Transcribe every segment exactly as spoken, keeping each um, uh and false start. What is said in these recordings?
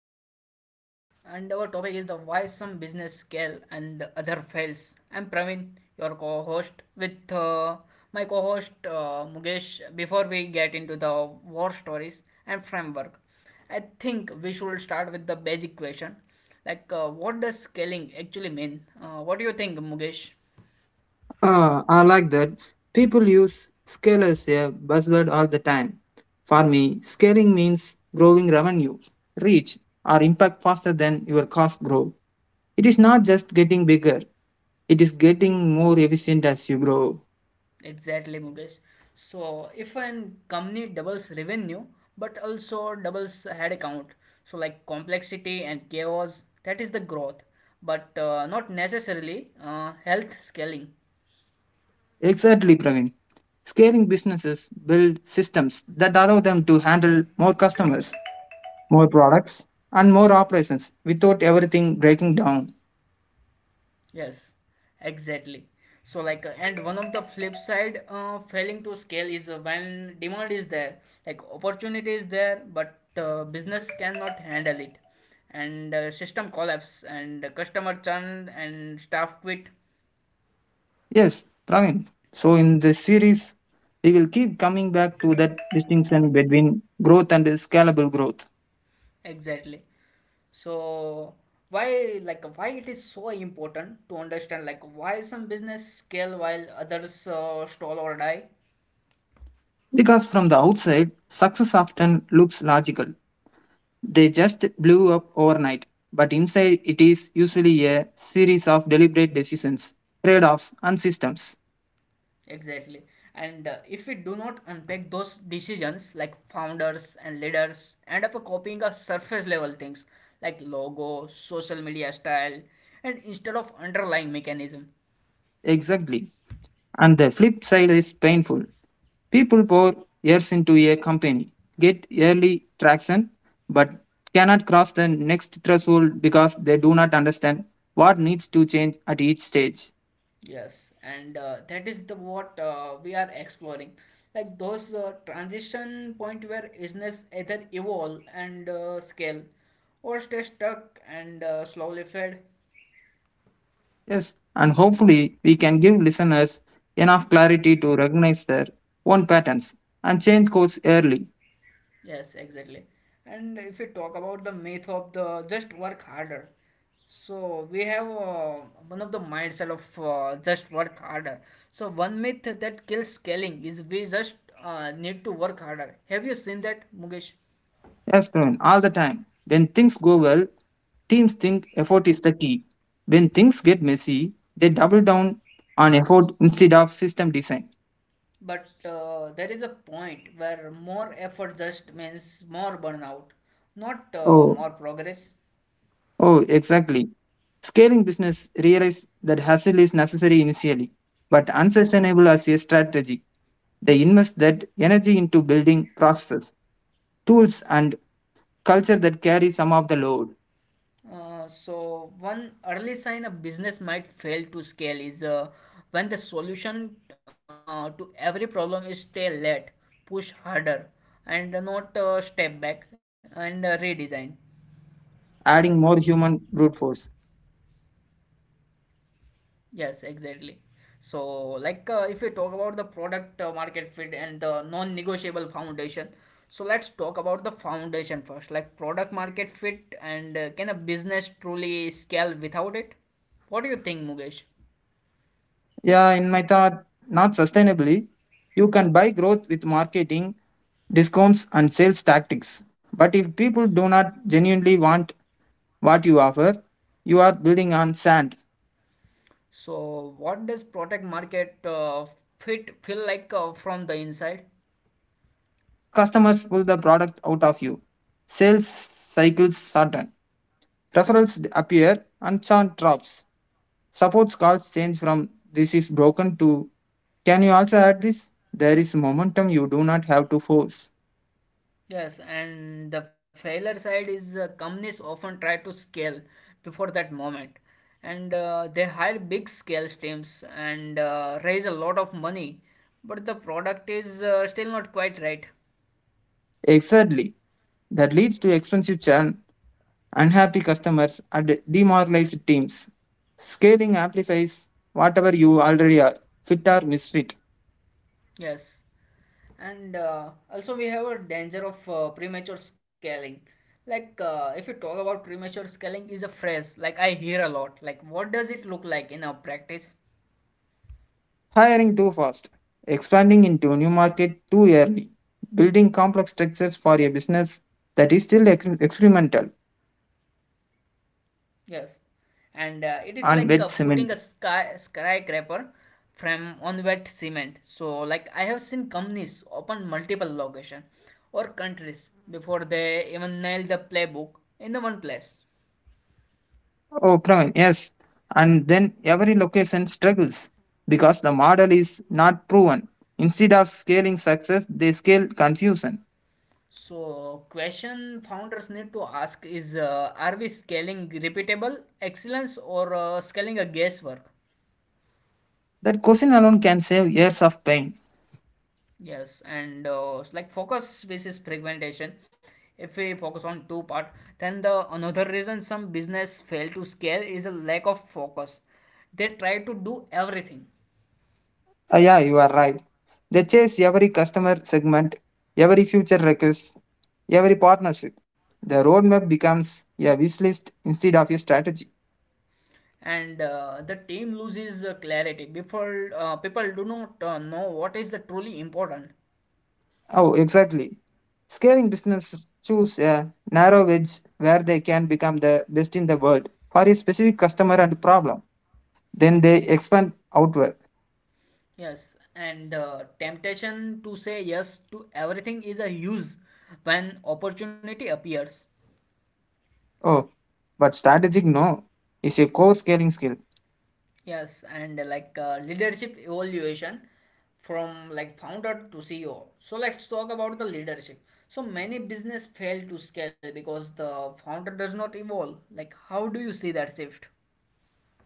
one of the podcast, and our topic is the why some business scale and the other fails. I'm Praveen, your co-host, with uh, my co-host uh, Mukesh. Before we get into the war stories and framework, I think we should start with the basic question, like uh, what does scaling actually mean? Uh, what do you think, Mukesh? Ah, I like that. People use scale as a buzzword all the time. For me, scaling means growing revenue, reach, or impact faster than your costs grow. It is not just getting bigger, it is getting more efficient as you grow. Exactly, Mukesh. So if a company doubles revenue but also doubles head count, so like complexity and chaos, that is the growth, but uh, not necessarily uh, health scaling. Exactly, Praveen. Scaling businesses build systems that allow them to handle more customers, more products, and more operations without everything breaking down. Yes, exactly. So like, uh, and one of the flip side uh, failing to scale is uh, when demand is there, like opportunity is there, but uh, business cannot handle it, and uh, system collapse and customer churn and staff quit. Yes, Praveen. So in this series, we will keep coming back to that distinction between growth and scalable growth. Exactly. So why, like why it is so important to understand like why some business scale while others uh, stall or die? Because from the outside, success often looks logical. They just blew up overnight. But inside, it is usually a series of deliberate decisions, trade offs, and systems. Exactly. And uh, if we do not unpack those decisions, like founders and leaders end up copying a surface level things like logo, social media style, and instead of underlying mechanism. Exactly. And the flip side is painful. People pour years into a company, get early traction, but cannot cross the next threshold because they do not understand what needs to change at each stage. Yes, and uh, that is the what uh, we are exploring, like those uh, transition point where business either evolve and uh, scale, or stay stuck and uh, slowly fade. Yes, and hopefully we can give listeners enough clarity to recognize their own patterns and change course early. Yes, exactly. And if we talk about the myth of the just work harder, so we have uh, one of the mindset of uh, just work harder. So one myth that kills scaling is we just uh, need to work harder. Have you seen that, Mukesh? Yes, Praveen, all the time. When things go well, teams think effort is the key. When things get messy, they double down on effort instead of system design. But uh, there is a point where more effort just means more burnout, not uh, Oh, more progress. Oh, exactly. Scaling business realized that hustle is necessary initially, but unsustainable as a strategy. They invest that energy into building processes, tools, and culture that carry some of the load. Uh, so, one early sign a business might fail to scale is uh, when the solution uh, to every problem is stay late, push harder, and Yes, not scaling uh, is all step back about building and uh, leverage, redesign. not just adding more human brute force. Yes, exactly. So, like, uh, if we talk about the product uh, market fit and the non-negotiable foundation, so let's talk about the foundation first, like product market fit and uh, can a business truly scale without it? What do you think, Mugesh? Yeah, in my thought, not sustainably. You can buy growth with marketing, discounts, and sales tactics. But if people do not genuinely want what you offer. You are building on sand. So, what does product market uh, fit feel like uh, from the inside? Customers pull the product out of you. Sales cycles shorten. Referrals appear and churn drops. Support calls change from this is broken to can you also add this? There is momentum you do not have to force. Yes, and the failure side is uh, companies often try to scale before that moment, and uh, they hire big scale teams and uh, raise a lot of money, but the product is uh, still not quite right. Exactly. That leads to expensive churn, unhappy customers, and demoralized teams. Scaling amplifies whatever you already are, fit or misfit. Yes, and uh, also we have a danger of uh, premature scaling. Like uh, if you talk about premature scaling, is a phrase like I hear a lot. Like what does it look like in our practice? Hiring too fast, expanding into new market too early, building complex structures for a business that is still ex- experimental. It is like putting a Yes, skyscraper frame and uh, it on is wet like uh, cement. putting a sky skyscraper from on wet cement. So, like I have seen companies open multiple location or countries before they even nail the playbook in the one place. Oh, Praveen, yes. And then every location struggles because the model is not proven. Instead of scaling success, they scale confusion. So, question founders need to ask is: uh, are we scaling repeatable excellence or uh, scaling a guesswork? That question alone can save years of pain. Yes, and uh, s- like focus basis fragmentation. If we focus on two part, then the another reason some business fail to scale is a lack of focus. They try to do everything, Uh, yeah, you are right. They chase every customer segment, every future request, every partnership. The roadmap becomes a wish list instead of a strategy. and uh, the team loses uh, clarity. Before uh, people do not uh, know what is the truly important. Oh, exactly. Scaling businesses choose a narrow edge where they can become the best in the world for a specific customer and problem. Then they expand outward. Yes, and uh, temptation to say yes to everything is a huge when opportunity appears. Oh, but strategic no is a core scaling skill. Yes, and uh, like uh, leadership evaluation from like founder to C E O. So let's talk about the leadership. So many business fail to scale because the founder does not evolve. Like how do you see that shift?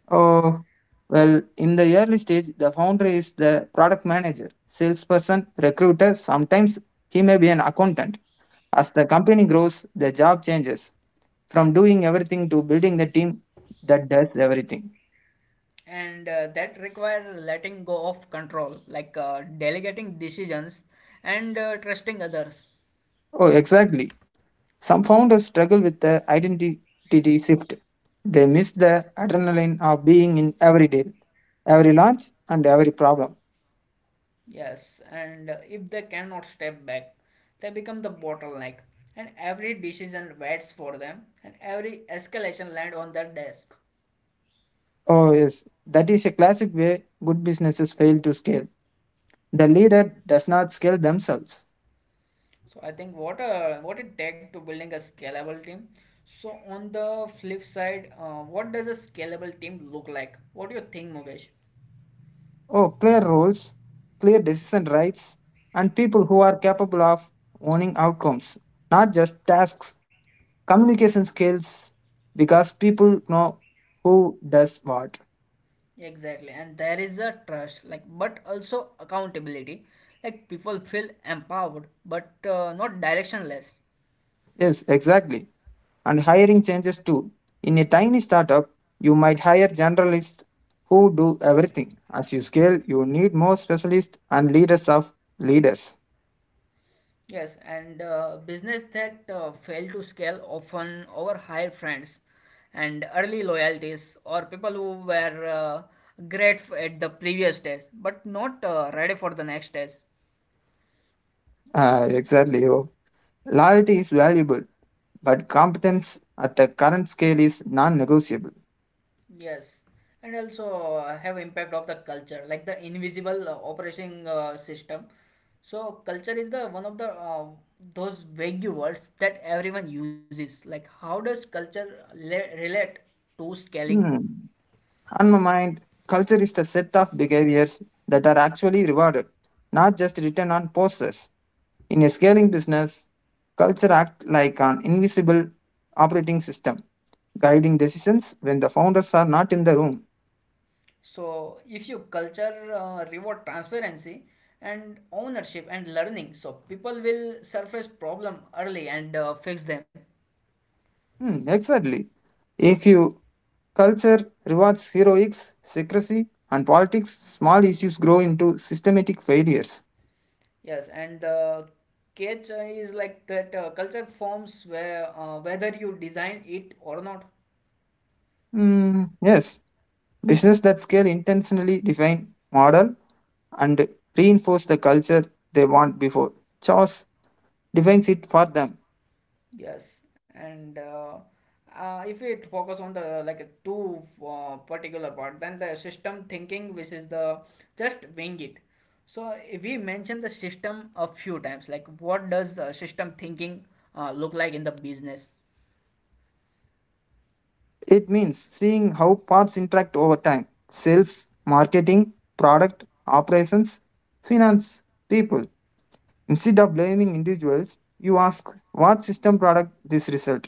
Oh, well, in the early stage, the founder is the product manager, salesperson, recruiter. Sometimes he may be an accountant. As the company grows, the job changes from doing everything to building the team that does everything. And uh, that require letting go of control, like uh, delegating decisions and uh, trusting others. Oh, exactly. Some founders struggle with the identity shift. They miss the adrenaline of being in every deal, every launch, and every problem. Yes, and uh, if they cannot step back, they become the bottleneck, and every decision waits for them, and every escalation land on their desk. Oh, yes, that is a classic way good businesses fail to scale. The leader does not scale themselves. So I think what uh, what it take to building a scalable team. So on the flip side, uh, what does a scalable team look like? What do you think, Mukesh? Oh, clear roles, clear decision rights, and people who are capable of owning outcomes, not just tasks. Communication skills because people know who does what. Exactly, and there is a trust, like but also accountability. Like people feel empowered, but uh, not directionless. Yes, exactly. And hiring changes too. In a tiny startup, you might hire generalists who do everything. As you scale, you need more specialists and leaders of leaders. Yes, and uh, business that uh, fail to scale often overhire friends and early loyalties or people who were uh, great f- at the previous stage but not uh, ready for the next stage. Ah, exactly. Oh. Loyalty is valuable, but competence at the current scale is non negotiable. Yes, and also uh, have impact of the culture like the invisible uh, operating uh, system. So culture is the one of the uh, those vague words that everyone uses. Like how does culture le- relate to scaling? Hmm. On my mind, culture is the set of behaviors that are actually rewarded, not just written on posters. In a scaling business, culture acts like an invisible operating system, guiding decisions when the founders are not in the room. So, if you culture uh, reward transparency and ownership and learning, so people will surface problem early and uh, fix them. Hmm, exactly. If you culture rewards heroics, secrecy, and politics, small issues grow into systematic failures. Yes, and the catch uh, is like that uh, culture forms where uh, whether you design it or not. Mm, yes, business that scale intentionally define model and reinforce the culture they want before. Choice defines it for them. Yes, and uh, uh, if it focus on the like a two uh, particular part, then the system thinking, which is the just wing it. So if we mentioned the system a few times, like what does uh, system thinking uh, look like in the business? It means seeing how parts interact over time sales, marketing, product, operations, finance, people. Instead of blaming individuals, you ask what system product this result.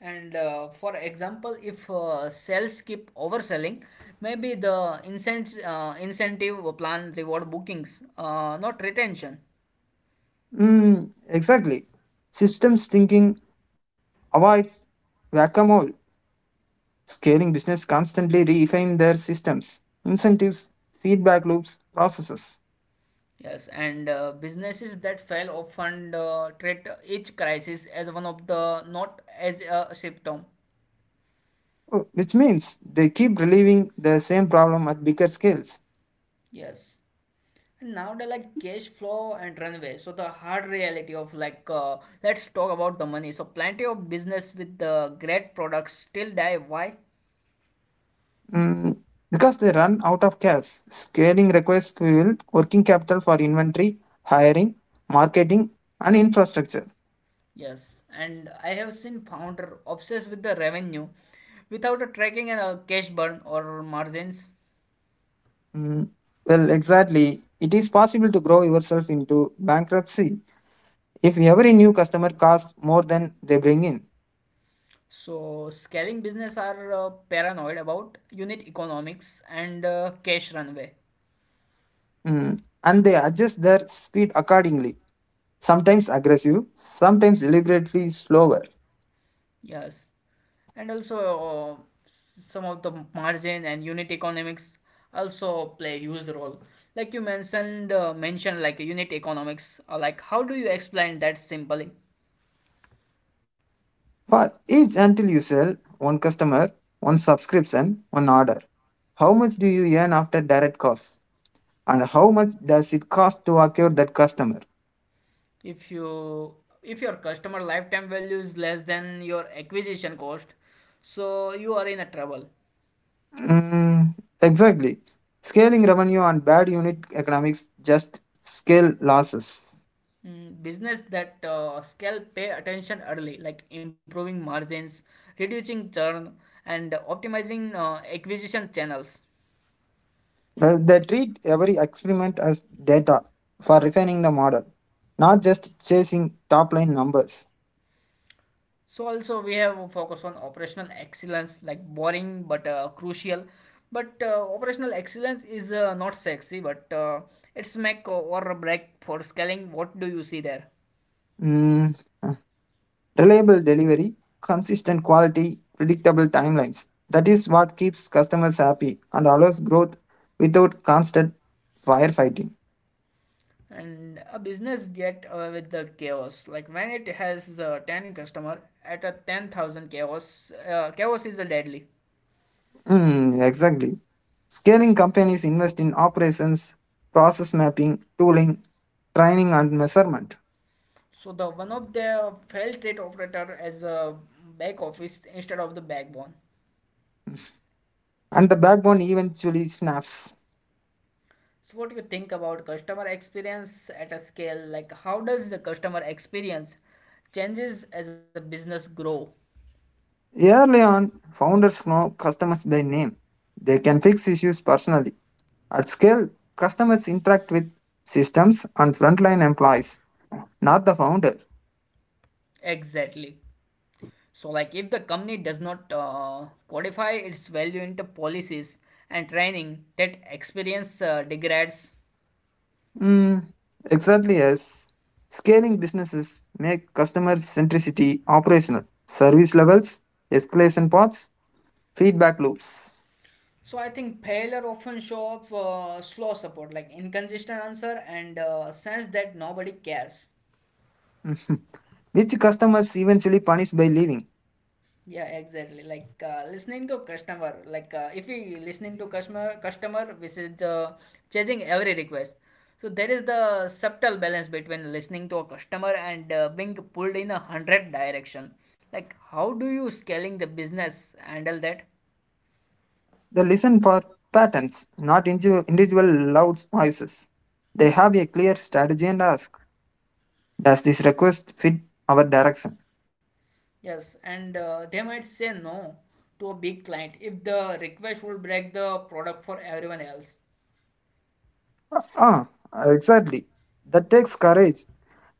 And uh, for example, if uh, sales keep overselling, maybe the incent- uh, incentive plan reward bookings, uh, not retention. Mm, exactly. Systems thinking avoids whack-a-mole. Scaling business constantly refine their systems, incentives, feedback loops, processes. Yes, and uh, businesses that fail often uh, treat each crisis as one of the not as a symptom. Oh, which means they keep relieving the same problem at bigger scales. Yes. And now they like cash flow and runway. So the hard reality of like, uh, let's talk about the money. So plenty of business with uh, great products still die. Why? Mm, because they run out of cash. Scaling requires fuel, working capital for inventory, hiring, marketing, and infrastructure. Yes. And I have seen founder obsessed with the revenue without a tracking and a cash burn or margins. Mm, well, exactly. It is possible to grow yourself into bankruptcy if every new customer costs more than they bring in. So, scaling business are uh, paranoid about unit economics and uh, cash runway. Mm, and they adjust their speed accordingly, sometimes aggressive, sometimes deliberately slower. Yes. And also, uh, some of the margin and unit economics also play huge role. Like you mentioned, uh, mentioned like unit economics. Uh, like, how do you explain that simply? For each until you sell one customer, one subscription, one order, how much do you earn after direct costs? And how much does it cost to acquire that customer? If you if your customer lifetime value is less than your acquisition cost, so you are in a trouble. Mm, exactly. Scaling revenue on bad unit economics just scale losses. Mm, business that uh, scale pay attention early, like improving margins, reducing churn, and optimizing uh, acquisition channels. Well, they treat every experiment as data for refining the model, not just chasing top line numbers. So also we have a focus on operational excellence, like boring but uh, crucial. But uh, operational excellence is uh, not sexy, but uh, it's make or break for scaling. What do you see there? Mm, Reliable delivery, consistent quality, predictable timelines. That is what keeps customers happy and allows growth without constant firefighting. And a business get uh, with the chaos, like when it has uh, ten customer at a ten thousand, chaos uh, chaos is a deadly. Mm, exactly. Scaling companies invest in operations, process mapping, tooling, training, and measurement. So the one of the felt rate operator as a back office instead of the backbone. And the backbone eventually snaps. So what do you think about customer experience at a scale? Like how does the customer experience changes as a business grow Early on, founders know customers by name. They can fix issues personally. At scale, customers interact with systems and frontline employees. Not the founder. exactly? So like if the company does not uh, codify its value into policies and training, that experience uh, degrades. Mm, exactly as scaling businesses make customer centricity operational, service levels, escalation paths, feedback loops. So I think failure often show up uh, slow support, like inconsistent answer and uh, sense that nobody cares. Mm, which customers eventually punish by leaving. Yeah, exactly. Like uh, listening to customer. Like uh, if we listening to customer, customer, which is uh, changing every request. So there is the subtle balance between listening to a customer and uh, being pulled in a hundred direction. Like how do you scaling the business handle that? They listen for patterns, not indiv- individual loud voices. They have a clear strategy and ask, does this request fit our direction? Yes, and uh, they might say no to a big client if the request will break the product for everyone else. Ah, exactly. That takes courage.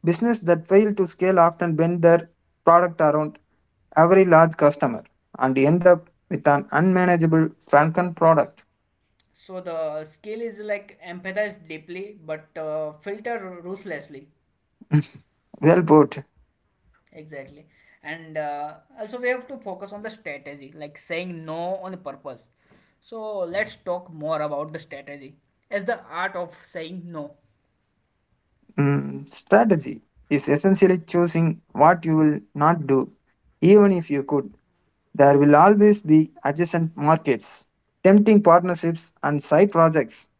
Business that fail to scale often bend their product around every large customer and end up with an unmanageable Franken product. So the skill is like empathize deeply but uh, filter ruthlessly. Well put. Exactly. And uh, also, we have to focus on the strategy, like saying no on purpose. So, let's talk more about the strategy as the art of saying no. Mm, strategy is essentially choosing what you will not do. Even if you could, there will always be adjacent markets, tempting partnerships, and side projects.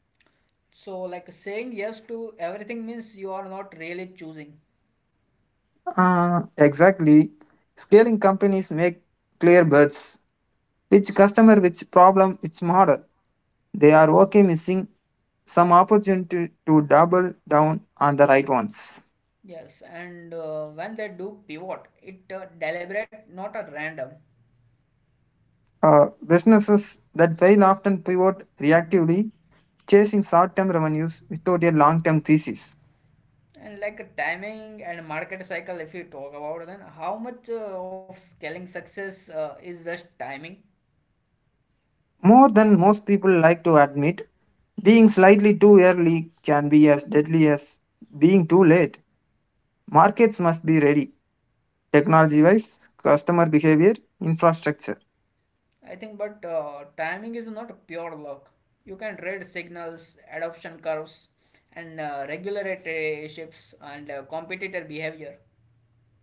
So, like saying yes to everything means you are not really choosing. Ah, exactly. Scaling companies make clear bets. Which customer, which problem, which model. They are okay missing some opportunity to double down on the right ones. Yes, and uh, when they do pivot, it uh, deliberate, not a random. Uh, businesses that fail often pivot reactively, chasing short term revenues without a long term thesis. And like a timing and market cycle, if you talk about, then how much uh, of scaling success uh, is just timing. More than most people like to admit, being slightly too early can be as deadly as being too late. Markets must be ready. Technology wise, customer behavior, infrastructure. I think, but uh, timing is not pure luck. You can read signals, adoption curves, and uh, regulatory shifts and uh, competitor behavior.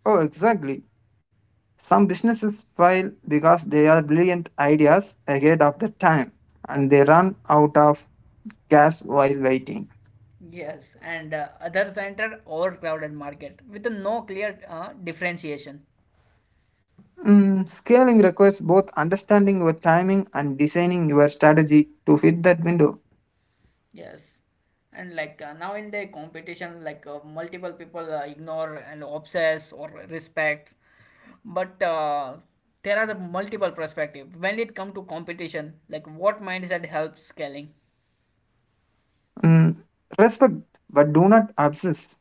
Oh, exactly. Some businesses fail because they are brilliant ideas ahead of the time and they run out of gas while waiting. Yes, and uh, others enter overcrowded market with no clear uh, differentiation. Mm, scaling requires both understanding your timing and designing your strategy to fit that window. Yes, and like uh, now in the competition, like uh, multiple people uh, ignore and obsess or respect, but uh, there are the multiple perspective when it come to competition. Like what mindset helps scaling? Mm, respect, but do not obsess.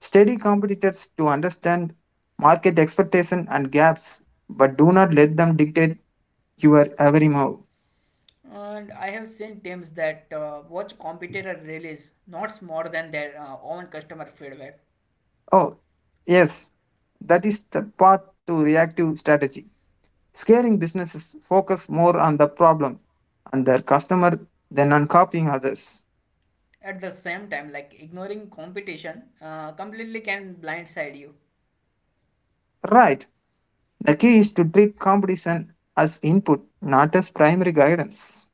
Study competitors to understand market expectation and gaps, but do not let them dictate your every move. And I have seen teams that uh, watch competitor release notes more than their uh, own customer feedback. Oh, yes, that is the path to reactive strategy. Scaling businesses focus more on the problem and their customer than on copying others. At the same time, like ignoring competition uh, completely can blindside you. Right. The key is to treat competition as input, not as primary guidance.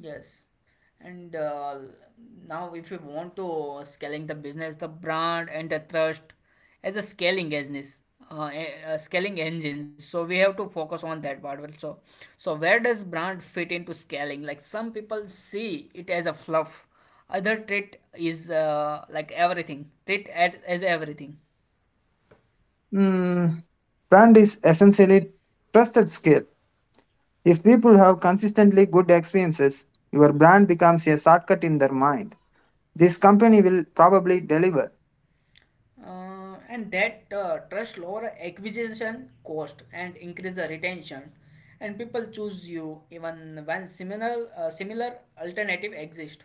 Yes. And uh, now, if you want to scaling the business, the brand and the trust as a scaling business, uh, a, a scaling engine. So we have to focus on that part also. So where does brand fit into scaling? Like some people see it as a fluff. Other treat is uh, like everything. Treat at, as everything. Hmm. Brand is essentially trusted scale. If people have consistently good experiences, your brand becomes a shortcut in their mind. This company will probably deliver. Uh, and that uh, trust lower acquisition cost and increase the retention and people choose you even when similar uh, similar alternative exist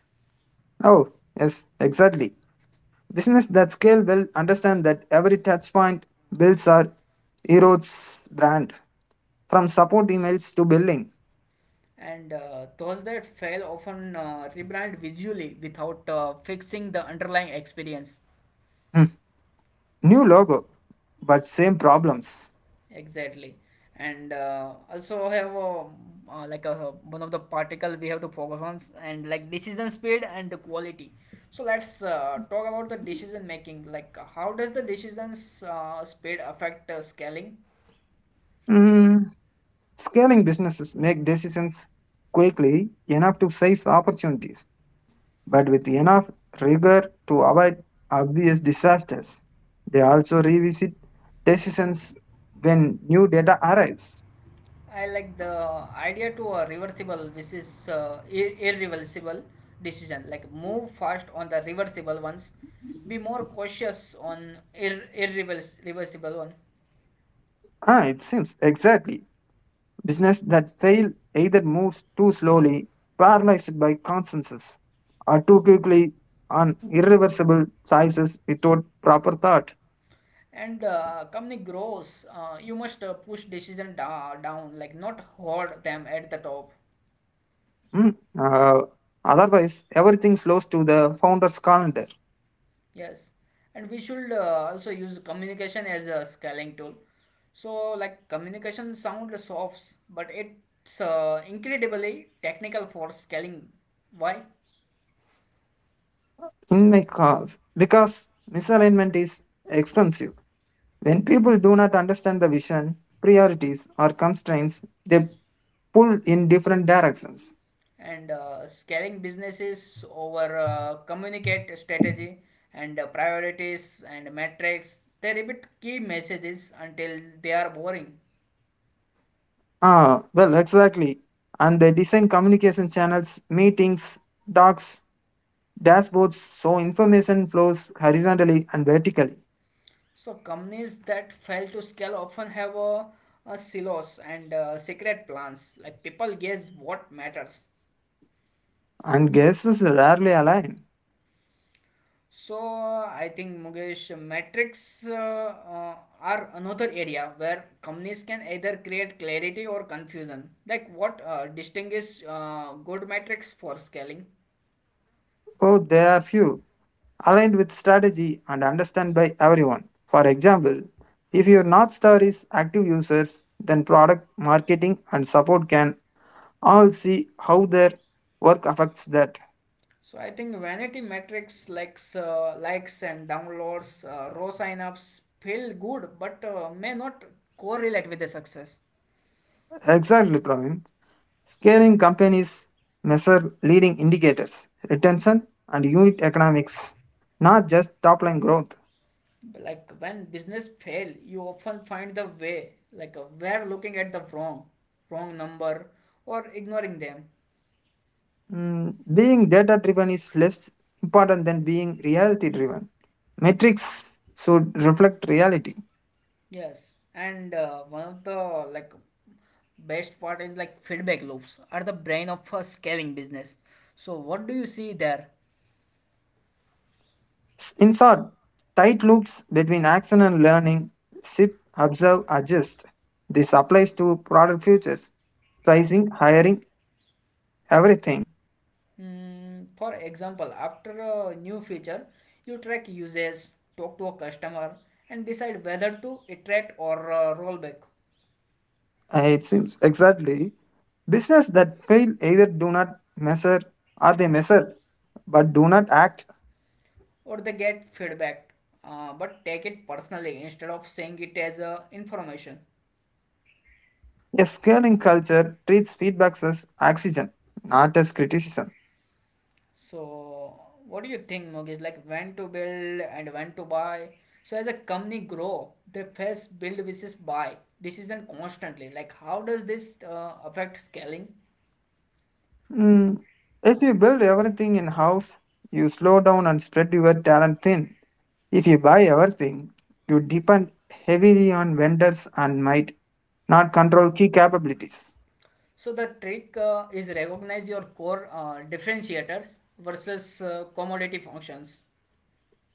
Oh, yes, exactly. Business that scale will understand that every touch point builds or erodes brand from support emails to billing. and uh, those that fail often uh, rebrand visually without uh, fixing the underlying experience. Hmm. New logo, but same problems. Exactly. And uh, also have um, uh, like a, one of the particle we have to focus on s- and like decision speed and the quality. So let's uh, talk about the decision making. Like uh, how does the decisions uh, speed affect uh, scaling? Hmm. Scaling businesses make decisions quickly enough to seize opportunities, but with enough rigor to avoid obvious disasters. They also revisit decisions when new data arrives. I like the idea to a reversible, which is uh, ir- irreversible decision. Like move fast on the reversible ones, be more cautious on ir- irreversible one. Ah, it seems exactly. Business that fail either moves too slowly, paralyzed by consensus, or too quickly on irreversible choices without proper thought. And the company grows, uh, you must uh, push decision da- down like not hoard them at the top. Hmm. Uh, Otherwise, everything slows to the founder's calendar. Yes, and we should uh, also use communication as a scaling tool, so like communication sound soft but it's uh, incredibly technical for scaling. Why? In my cause, because misalignment is expensive. When people do not understand the vision, priorities, or constraints, they pull in different directions. And uh, scaling businesses over uh, communicate strategy and uh, priorities and metrics, they repeat key messages until they are boring. Ah, well, exactly. And they design communication channels, meetings, docs, dashboards so information flows horizontally and vertically. So companies that fail to scale often have a, a silos and uh, secret plans. Like people guess what matters. And guesses rarely align. So I think Mukesh, metrics uh, uh, are another area where companies can either create clarity or confusion. Like what uh, distinguish uh, good metrics for scaling? Oh, there are few aligned with strategy and understand by everyone. For example, if your North Star is active users, then product, marketing, and support can all see how their work affects that. So I think vanity metrics like uh, likes and downloads, uh, raw signups feel good but uh, may not correlate with the success. Exactly, Praveen. Scaling companies measure leading indicators, retention, and unit economics, not just top line growth. Like when business fail you often find the way like uh, we're looking at the wrong wrong number or ignoring them. Mm, being data driven is less important than being reality driven. Metrics should reflect reality. Yes, and uh, one of the like best part is like feedback loops are the brain of a scaling business. So what do you see there? S- In short, tight loops between action and learning, ship, observe, adjust. This applies to product futures, pricing, hiring, everything. Mm, for example after a new feature you track usage, talk to a customer, and decide whether to iterate or uh, roll back. Uh, It seems exactly. Business that fail either do not measure or they measure but do not act. Or they get feedback uh, but take it personally instead of saying it as uh, information. A scaling culture treats feedbacks as oxygen, not as criticism. So what do you think Mukesh, like when to build and when to buy? So as a company grow they face build versus buy decision constantly, like how does this uh, affect scaling? Mm, if you build everything in house, you slow down and spread your talent thin. If you buy everything, you depend heavily on vendors and might not control key capabilities. So the trick uh, is recognize your core uh, differentiators versus uh, commodity functions.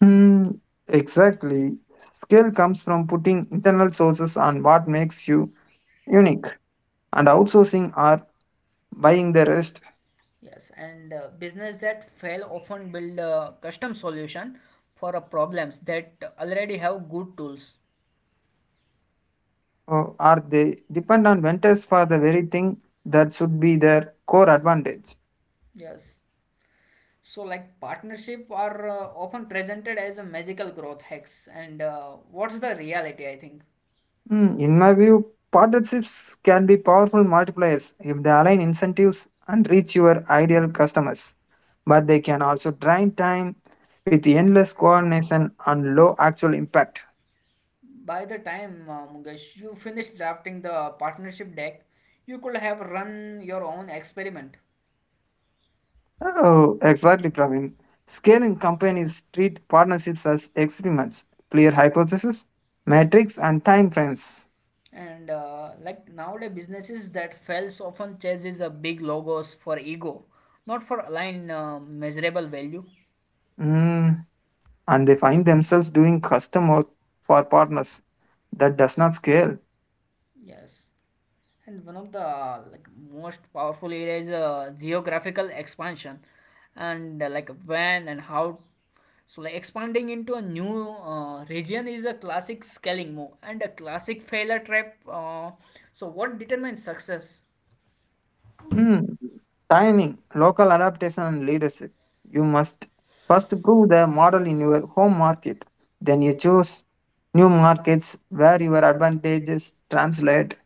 Hmm, exactly. Skill comes from putting internal sources on what makes you unique, and outsourcing or buying the rest, Yes, and uh, business that fail often build a custom solution for a problems that already have good tools. or are they depend on vendors for the very thing that should be their core advantage. Yes. So like partnership are uh, often presented as a magical growth hacks and uh, what's the reality I think. Hmm, in my view, partnerships can be powerful multipliers if they align incentives and reach your ideal customers, but they can also drain time with endless coordination and low actual impact. By the time uh, Mukesh you finish drafting the partnership deck you could have run your own experiment. Oh, exactly, Praveen. Scaling companies treat partnerships as experiments, clear hypotheses, metrics, and time frames. And uh, like nowadays, businesses that fails often chases a big logos for ego, not for aligned uh, measurable value. Mm, and they find themselves doing custom work for partners that does not scale. Yes, and one of the uh, like most powerful area is uh, geographical expansion, and uh, like when and how. So like expanding into a new uh, region is a classic scaling move and a classic failure trap. Uh, so what determines success? Mm, Timing, local adaptation, and leadership. You must first prove the model in your home market. Then you choose new markets where your advantages translate.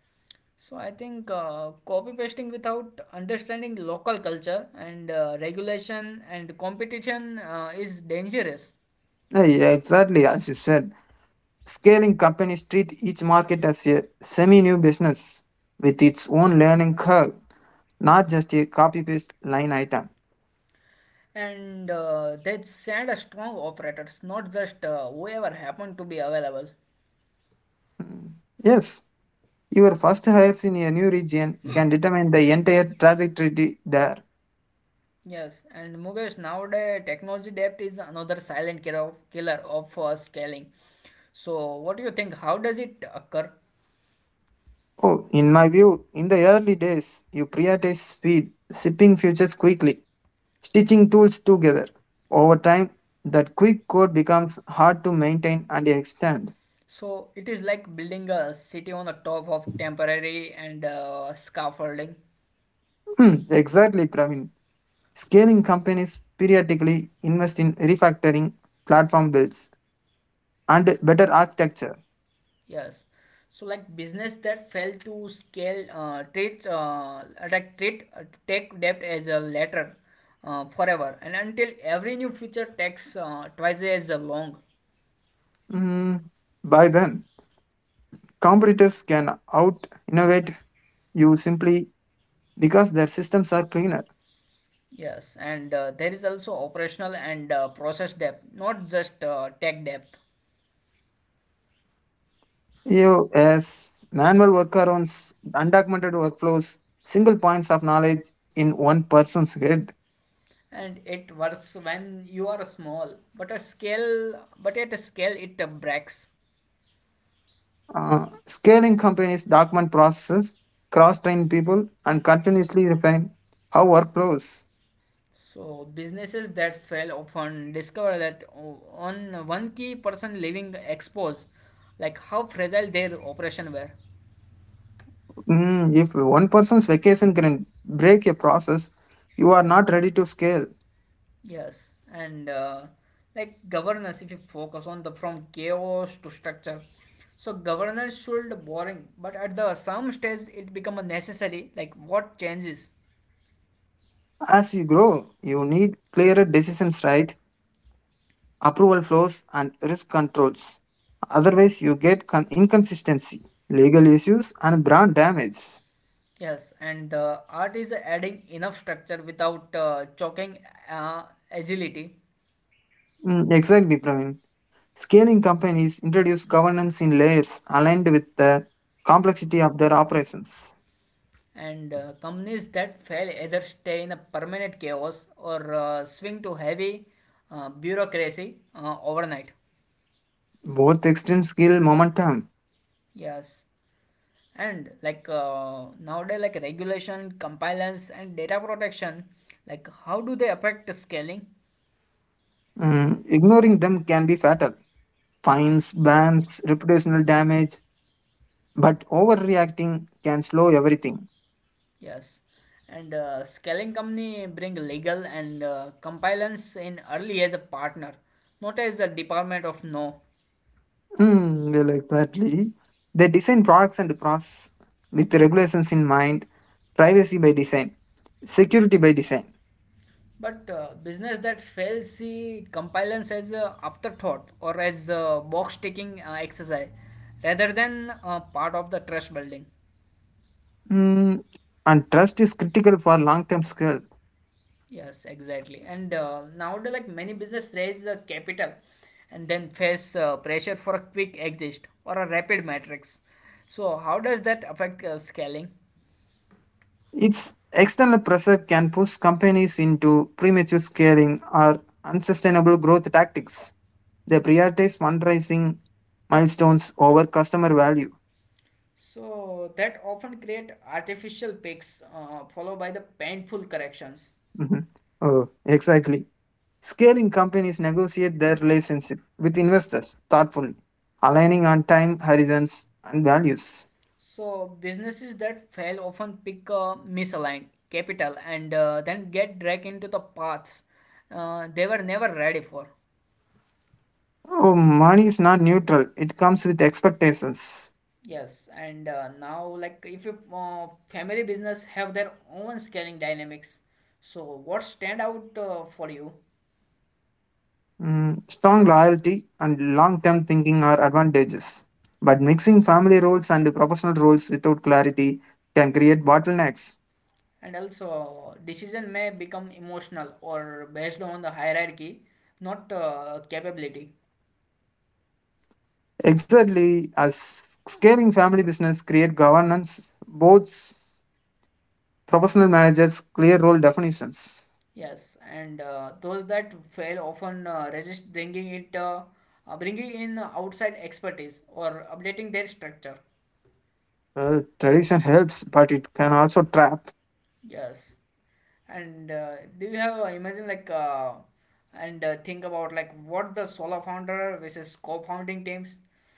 So I think uh, copy pasting without understanding local culture and uh, regulation and competition uh, is dangerous. Yeah, exactly as you said. Scaling companies treat each market as a semi new business with its own learning curve, not just a copy paste line item. And uh, they send a strong operators, not just uh, whoever happened to be available. Hmm. Yes, your first hires in a new region can determine the entire trajectory there. Yes, and Mukesh, nowadays technology debt is another silent killer of, killer of uh, scaling. So what do you think? How does it occur? Oh, in my view, in the early days, you prioritize speed, shipping futures quickly, stitching tools together. Over time, that quick code becomes hard to maintain and extend. So it is like building a city on the top of temporary and uh, scaffolding. Hmm, exactly, Praveen. Scaling companies periodically invest in refactoring platform builds and better architecture. Yes. So like business that fail to scale uh, treat uh, like treat uh, tech debt as a letter uh, forever and until every new feature takes uh, twice as long. Mm, by then, competitors can out innovate you simply because their systems are cleaner. Yes, and uh, there is also operational and uh, process depth, not just uh, tech depth. You, as manual workarounds, undocumented workflows, single points of knowledge in one person's head. And it works when you are small, but a scale, but at a scale it uh, breaks. Uh, scaling companies document processes, cross train people, and continuously refine how work flows. So businesses that fail often discover that o- on one key person leaving exposed, like how fragile their operation were. Mm, if one person's vacation can break a process, you are not ready to scale. Yes, and uh, like governance, if you focus on the from chaos to structure. So governance should boring, but at the some stage it become a necessary. Like what changes? As you grow, you need clearer decisions, right? Approval flows and risk controls. Otherwise, you get con- inconsistency, legal issues, and brand damage. Yes, and the art is adding enough structure without uh, choking uh, agility. Mm, exactly, Praveen. Scaling companies introduce governance in layers aligned with the complexity of their operations. And uh, companies that fail either stay in a permanent chaos or uh, swing to heavy uh, bureaucracy uh, overnight. Both extreme scale momentum. Yes. And like uh, nowadays, like regulation, compliance, and data protection, like how do they affect the scaling? Mm, ignoring them can be fatal. Fines, bans, reputational damage. But overreacting can slow everything. Yes. And uh, scaling company bring legal and uh, compliance in early as a partner, not as a department of no. Hmm, well, exactly. They design products and process with regulations in mind, privacy by design, security by design. But uh, business that fails see compliance as a afterthought or as a box ticking uh, exercise rather than uh, part of the trust building. Hmm, and trust is critical for long-term scale. Yes, exactly. And uh, nowadays, like many business raise uh, capital and then face uh, pressure for a quick exit or a rapid matrix. So how does that affect uh, scaling? Its external pressure can push companies into premature scaling or unsustainable growth tactics. They prioritize fundraising milestones over customer value. So that often create artificial peaks uh, followed by the painful corrections. Mhm. Oh, exactly. Scaling companies negotiate their relationship with investors thoughtfully, aligning on time, horizons, and values. So businesses that fail often pick a misaligned capital and uh, then get dragged into the paths uh, they were never ready for. Oh, money is not neutral, it comes with expectations. Yes, and uh, now like if you uh, family business have their own scaling dynamics, so what stand out uh, for you? Mm, strong loyalty and long term thinking are advantages. But mixing family roles and professional roles without clarity can create bottlenecks. And also, decision may become emotional or based on the hierarchy, not uh, capability. Exactly, as scaling family business create governance, boards, professional managers, clear role definitions. Yes, and uh, those that fail often uh, resist bringing it, uh, uh, bringing in outside expertise or updating their structure. Well, tradition helps, but it can also trap. Yes, and uh, do you have uh, imagine like uh, and uh, think about like what the solo founder versus co-founding teams?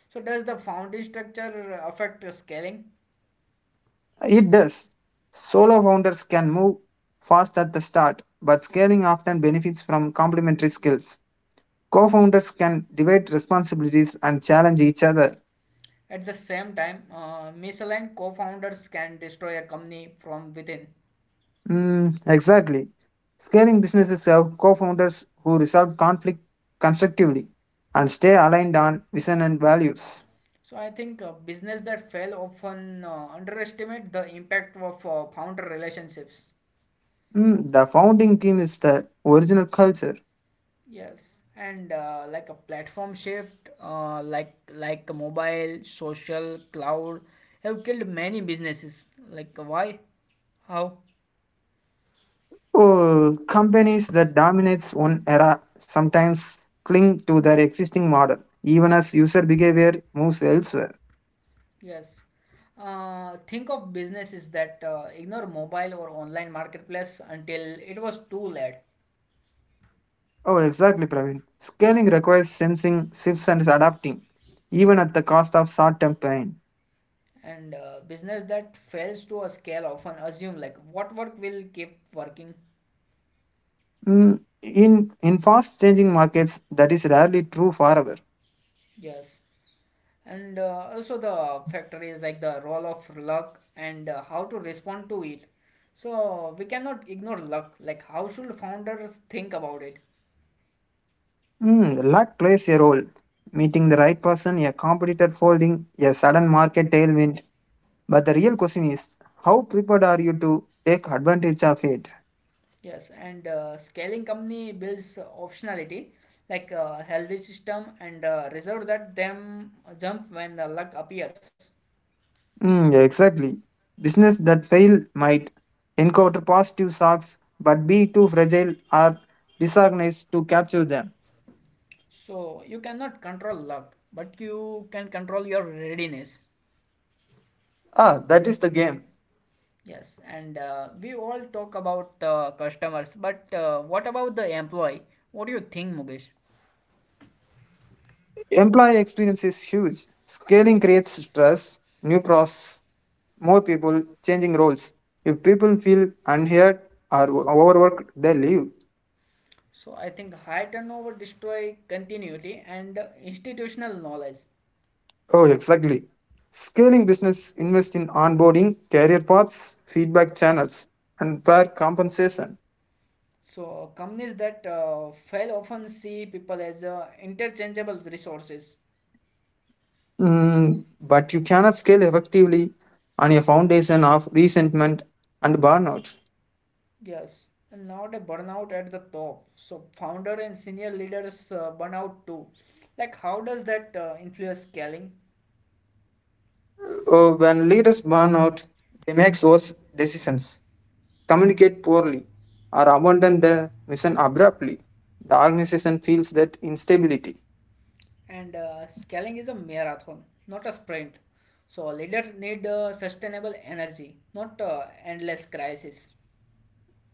So does the founding structure affect the scaling? It does. Solo founders can move fast at the start, but scaling often benefits from complementary skills. Co founders can divide responsibilities and challenge each other. At the same time, uh, misaligned co-founders can destroy a company from within. Mm, exactly. Scaling businesses have co founders who resolve conflict constructively and stay aligned on vision and values. So I think uh, business that fail often uh, underestimate the impact of uh, founder relationships. Mm, the founding team is the original culture. Yes, and uh, like a platform shift, uh, like like mobile, social, cloud, have killed many businesses. Like uh, why? How? Oh, companies that dominates one era sometimes cling to their existing model, even as user behavior moves elsewhere. Yes. Uh, think of businesses that uh, ignore mobile or online marketplace until it was too late. Oh, exactly, Praveen. Scaling requires sensing shifts and adapting, even at the cost of short-term pain. And uh, business that fails to a scale often assume like what work will keep working. Mm, in in fast-changing markets, that is rarely true forever. Yes. And uh, also the factor is like the role of luck and uh, how to respond to it. So we cannot ignore luck. Like how should founders think about it? Mm, luck plays a role. Meeting the right person, a competitor folding, a sudden market tailwind. But the real question is, how prepared are you to take advantage of it? Yes. And uh, scaling company builds optionality, like a healthy system and uh, reserve that them jump when the luck appears. Mm, yeah, exactly. Business that fail might encounter positive shocks but be too fragile or disorganized to capture them. So you cannot control luck, but you can control your readiness. Ah, that is the game. Yes, and uh, we all talk about the customers, but uh, what about the employee? What do you think, Mukesh? Employee experience is huge. Scaling creates stress, new process, more people, changing roles. If people feel unheard or overworked, they leave. So I think high turnover destroy continuity and uh, institutional knowledge. Oh, exactly. Scaling business invests in onboarding, career paths, feedback channels, and fair compensation. So companies that uh, fail often see people as uh, interchangeable resources. Mm, but you cannot scale effectively on a foundation of resentment and burnout. Yes, and now the burnout at the top. So founder and senior leaders uh, burn out too. Like how does that uh, influence scaling? Uh, when leaders burn out, they make worse decisions, communicate poorly, or abandon the mission abruptly. The organization feels that instability. And uh, scaling is a marathon not a sprint, so leaders need uh, sustainable energy not uh, endless crisis.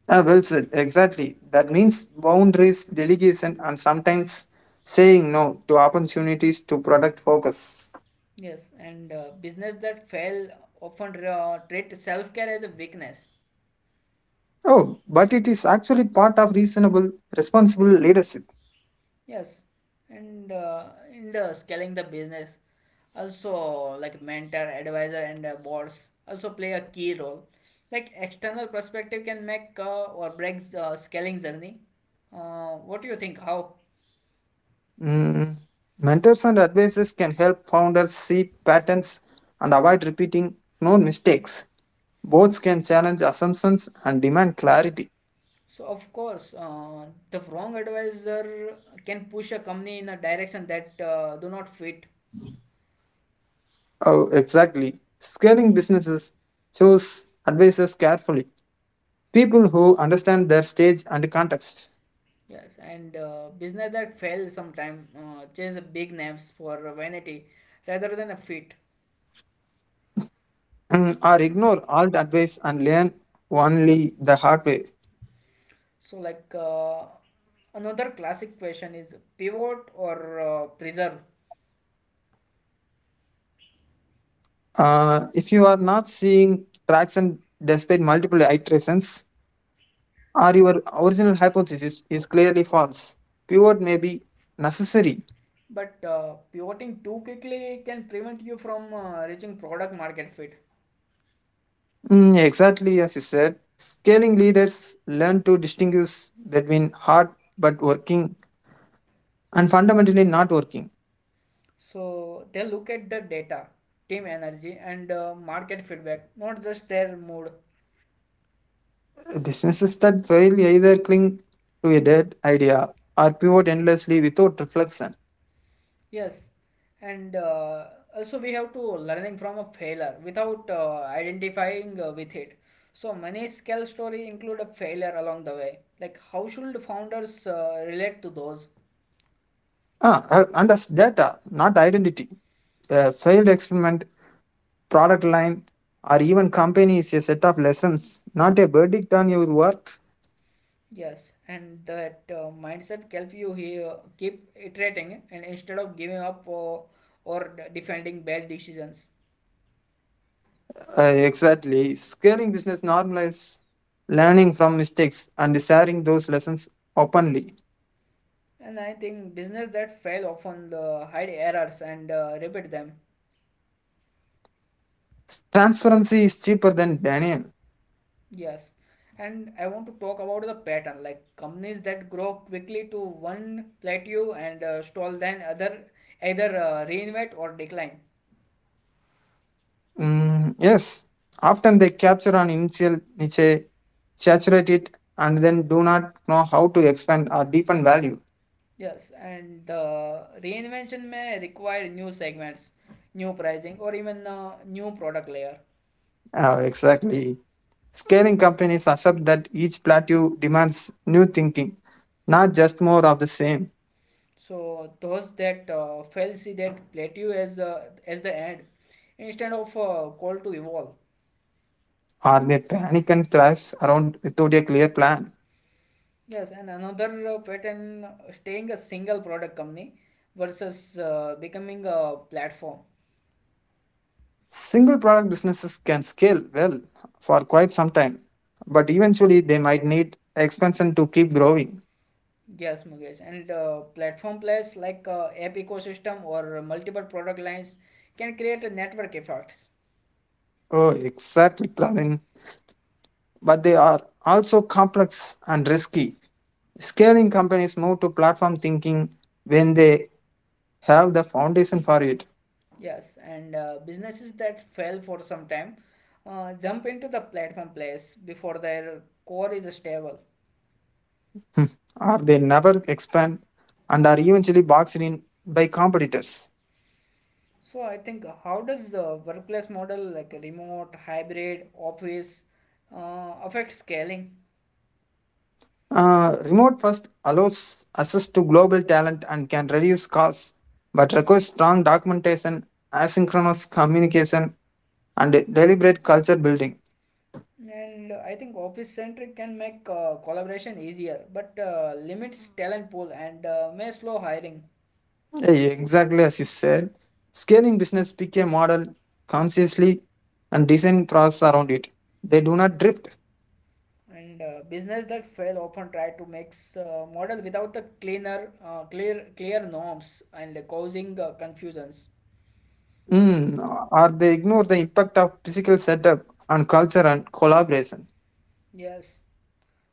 Ah, well said, exactly. That means boundaries, delegation, and sometimes saying no to opportunities to product focus. Yes, and uh, business that fail often uh, treat self-care as a weakness. Oh, but it is actually part of reasonable, responsible leadership. Yes, and uh, in the scaling the business also like mentor advisor and uh, boards also play a key role. Like external perspective can make uh, or breaks uh, scaling journey. Uh, what do you think how? Mm, Mentors and advisors can help founders see patterns and avoid repeating known mistakes. Both can challenge assumptions and demand clarity. So of course, uh, the wrong advisor can push a company in a direction that uh, do not fit. Oh, exactly. Scaling businesses choose advisors carefully. People who understand their stage and context. Yes, and uh, business that fail sometime uh, chase big names for vanity rather than a fit. Mm, or ignore all the advice and learn only the hard way. So like uh, another classic question is pivot or uh, preserve. Uh, if you are not seeing traction despite multiple iterations, or your original hypothesis is clearly false. Pivot may be necessary. But uh, pivoting too quickly can prevent you from uh, reaching product market fit. Mm, exactly as you said, scaling leaders learn to distinguish between hard but working and fundamentally not working. So they look at the data, team energy, and uh, market feedback, not just their mood. Businesses that fail either cling to a dead idea or pivot endlessly without reflection. Yes, and uh, also we have to learning from a failure without uh, identifying uh, with it. So many scale story include a failure along the way. Like how should founders uh, relate to those? Ah, uh, and as data, not identity. A failed experiment, product line, or even company is a set of lessons, not a verdict on your work. Yes, and that uh, mindset help you here keep iterating and instead of giving up uh, or defending bad decisions. Uh, exactly. Scaling business normalize learning from mistakes and sharing those lessons openly. And I think business that fail often the hide errors and uh, repeat them. Transparency is cheaper than Daniel. Yes. And I want to talk about the pattern, like companies that grow quickly to one plateau and uh, stall, then other either uh, reinvent or decline. Mm, yes. Often they capture an initial niche, saturate it, and then do not know how to expand or deepen value. Yes, and the reinvention may require new segments, new pricing, or even a new product layer. Uh, exactly. Scaling companies accept that each plateau demands new thinking, not just more of the same. So those that uh, fail see that plateau as uh, as the end, instead of a call to evolve. Or they panic and thrive around without a clear plan. Yes, and another uh, pattern uh, staying a single product company versus uh, becoming a platform. Single product businesses can scale well for quite some time, but eventually they might need expansion to keep growing. Yes, Mukesh. And uh, platform players like uh, app ecosystem or multiple product lines can create a network effects. Oh, exactly, Pravin. But they are also complex and risky. Scaling companies move to platform thinking when they have the foundation for it, Yes, and uh, businesses that fail for some time uh, jump into the platform players before their core is stable. or they never expand and are eventually boxed in by competitors. So I think uh, how does the workplace model like remote, hybrid, office uh, affect scaling? Uh, remote first allows access to global talent and can reduce costs, but requires strong documentation, asynchronous communication, and deliberate culture building. And uh, I think office centric can make uh, collaboration easier, but uh, limits talent pool and uh, may slow hiring. Eh, Exactly as you said, scaling business pick a model consciously and design process around it. They do not drift, And uh, business that fail often try to mix uh, model without the cleaner, uh, clear, clear norms and causing uh, confusions. mm, or they ignore the impact of physical setup on culture and collaboration. Yes.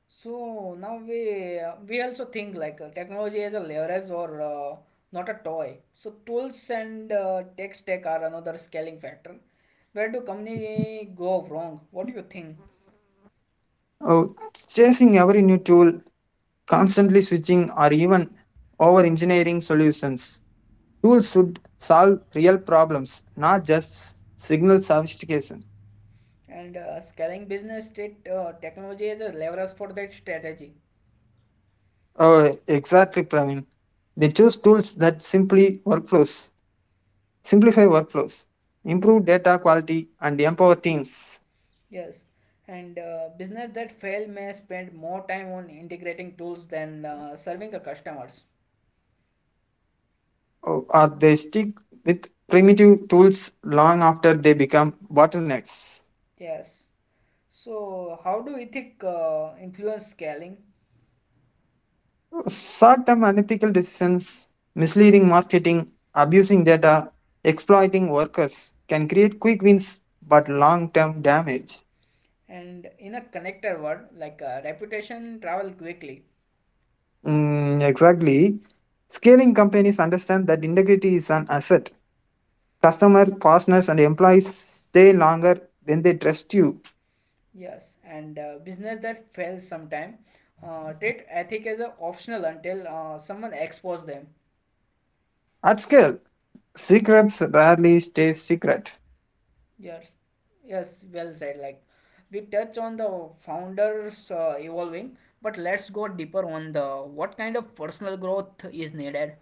So now we uh, we also think like uh, technology as a leverage or uh, not a toy. So tools and uh, tech stack are another scaling factor. Where do company go wrong? What do you think? Oh, chasing every new tool constantly switching or even over engineering solutions. Tools should solve real problems, not just signal sophistication. And uh, scaling business state uh, technology as a leverage for that strategy. Oh, exactly, Praveen. They choose tools that simply workflows, simplify workflows, improve data quality, and empower teams. Yes. And uh, business that fail may spend more time on integrating tools than uh, serving the customers. Oh, or they stick with primitive tools long after they become bottlenecks. Yes. So, how do ethic uh, influence scaling? Short-term unethical decisions, misleading marketing, abusing data, exploiting workers can create quick wins but long term damage. And in a connected word, like uh, reputation travel quickly. Mm, exactly. Scaling companies understand that integrity is an asset. Customer, partners, and employees stay longer when they trust you. Yes, and uh, business that fails sometime. Uh, treat ethic as a optional until uh, someone expose them. At scale, secrets rarely stay secret. Yes, yes, well said. Like we touch on the founders uh, evolving, but let's go deeper on the what kind of personal growth is needed.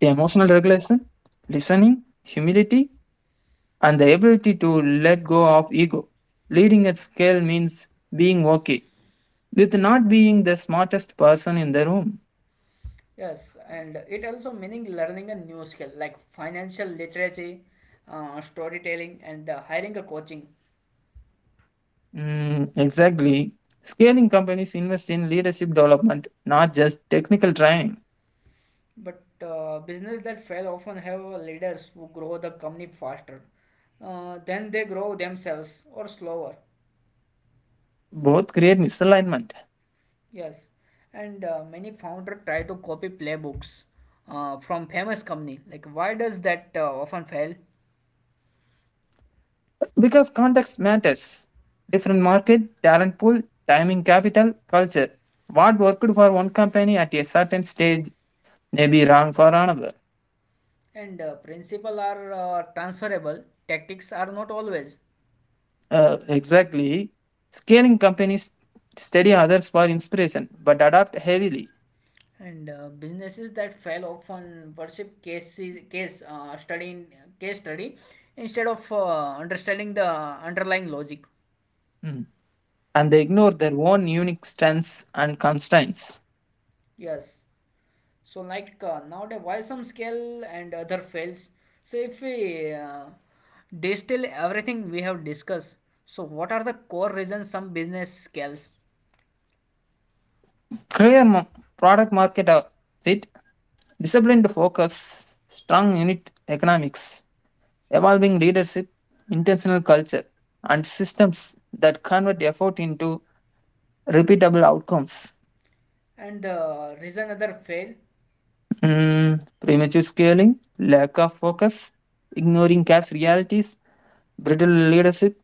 Emotional regulation, listening, humility, and the ability to let go of ego. Leading at scale means being okay with not being the smartest person in the room. Yes, and it also meaning learning a new skill like financial literacy, uh, storytelling, and uh, hiring a coaching. Mm, exactly. Scaling companies invest in leadership development, not just technical training. But uh, business that fail often have leaders who grow the company faster, uh, then they grow themselves or slower. Both create misalignment Yes, and uh, many founder try to copy playbooks uh, from famous company. Like why does that uh, often fail? because context matters. Different market, talent pool, timing, capital, culture. What worked for one company at a certain stage may be wrong for another. And uh, principle are uh, transferable. Tactics are not always. Uh, exactly. Scaling companies study others for inspiration but adapt heavily. And uh, businesses that fail often worship case case uh, study case study instead of uh, understanding the underlying logic. Mm. And they ignore their own unique strengths and constraints. Yes. So like uh, nowadays, why some scale and other fails? So if we uh, distill everything we have discussed, so what are the core reasons some business scales Clear mo- product market uh, fit, disciplined focus, strong unit economics, evolving leadership, intentional culture, and systems that convert effort into repeatable outcomes. and the reason other fail? Mm, premature scaling, lack of focus, ignoring cash realities, brittle leadership,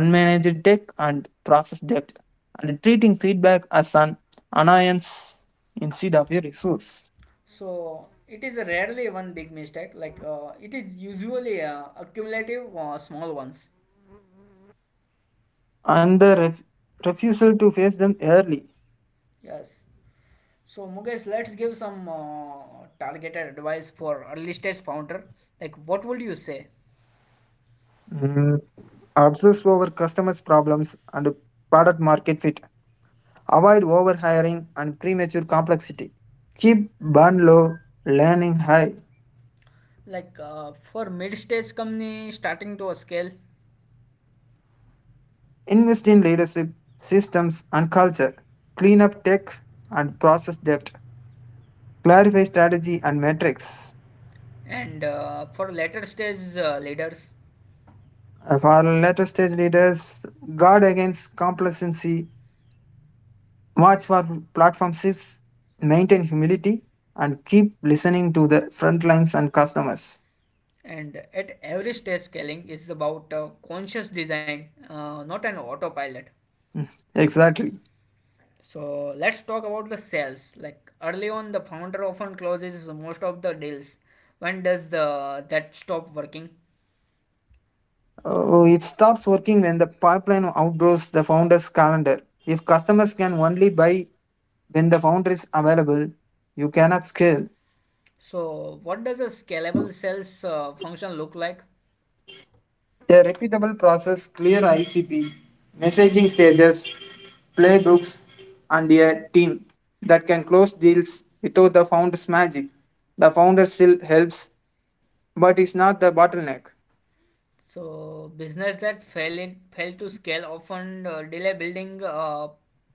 unmanaged tech and process debt, and treating feedback as an annoyance instead of a resource. So it is rarely one big mistake. Like uh, it is usually uh, accumulative uh, small ones. And the ref- refusal to face them early. Yes. So Mukesh, let's give some uh, targeted advice for early stage founder. Like what would you say? Mm, Obsess over customers' problems and product market fit. Avoid overhiring and premature complexity. Keep burn low, learning high. Like uh, for mid stage company starting to scale, Invest in leadership, systems, and culture. Clean up tech and process debt. Clarify strategy and metrics. and uh, for later stage uh, leaders, Of our later stage leaders, guard against complacency, watch for platform shifts, maintain humility, and keep listening to the front lines and customers. and at every stage scaling is about uh, conscious design, uh, not an autopilot. Exactly. So let's talk about the sales. Like early on, the founder often closes most of the deals. When does the, that stop working? Oh, it stops working when the pipeline outgrows the founder's calendar. If customers can only buy when the founder is available, you cannot scale. So what does a scalable sales uh, function look like? A repeatable process, clear I C P, messaging stages, playbooks, and a team that can close deals without the founder's magic. The founder still helps, but is not the bottleneck. So business that fail it fail to scale often uh, delay building uh,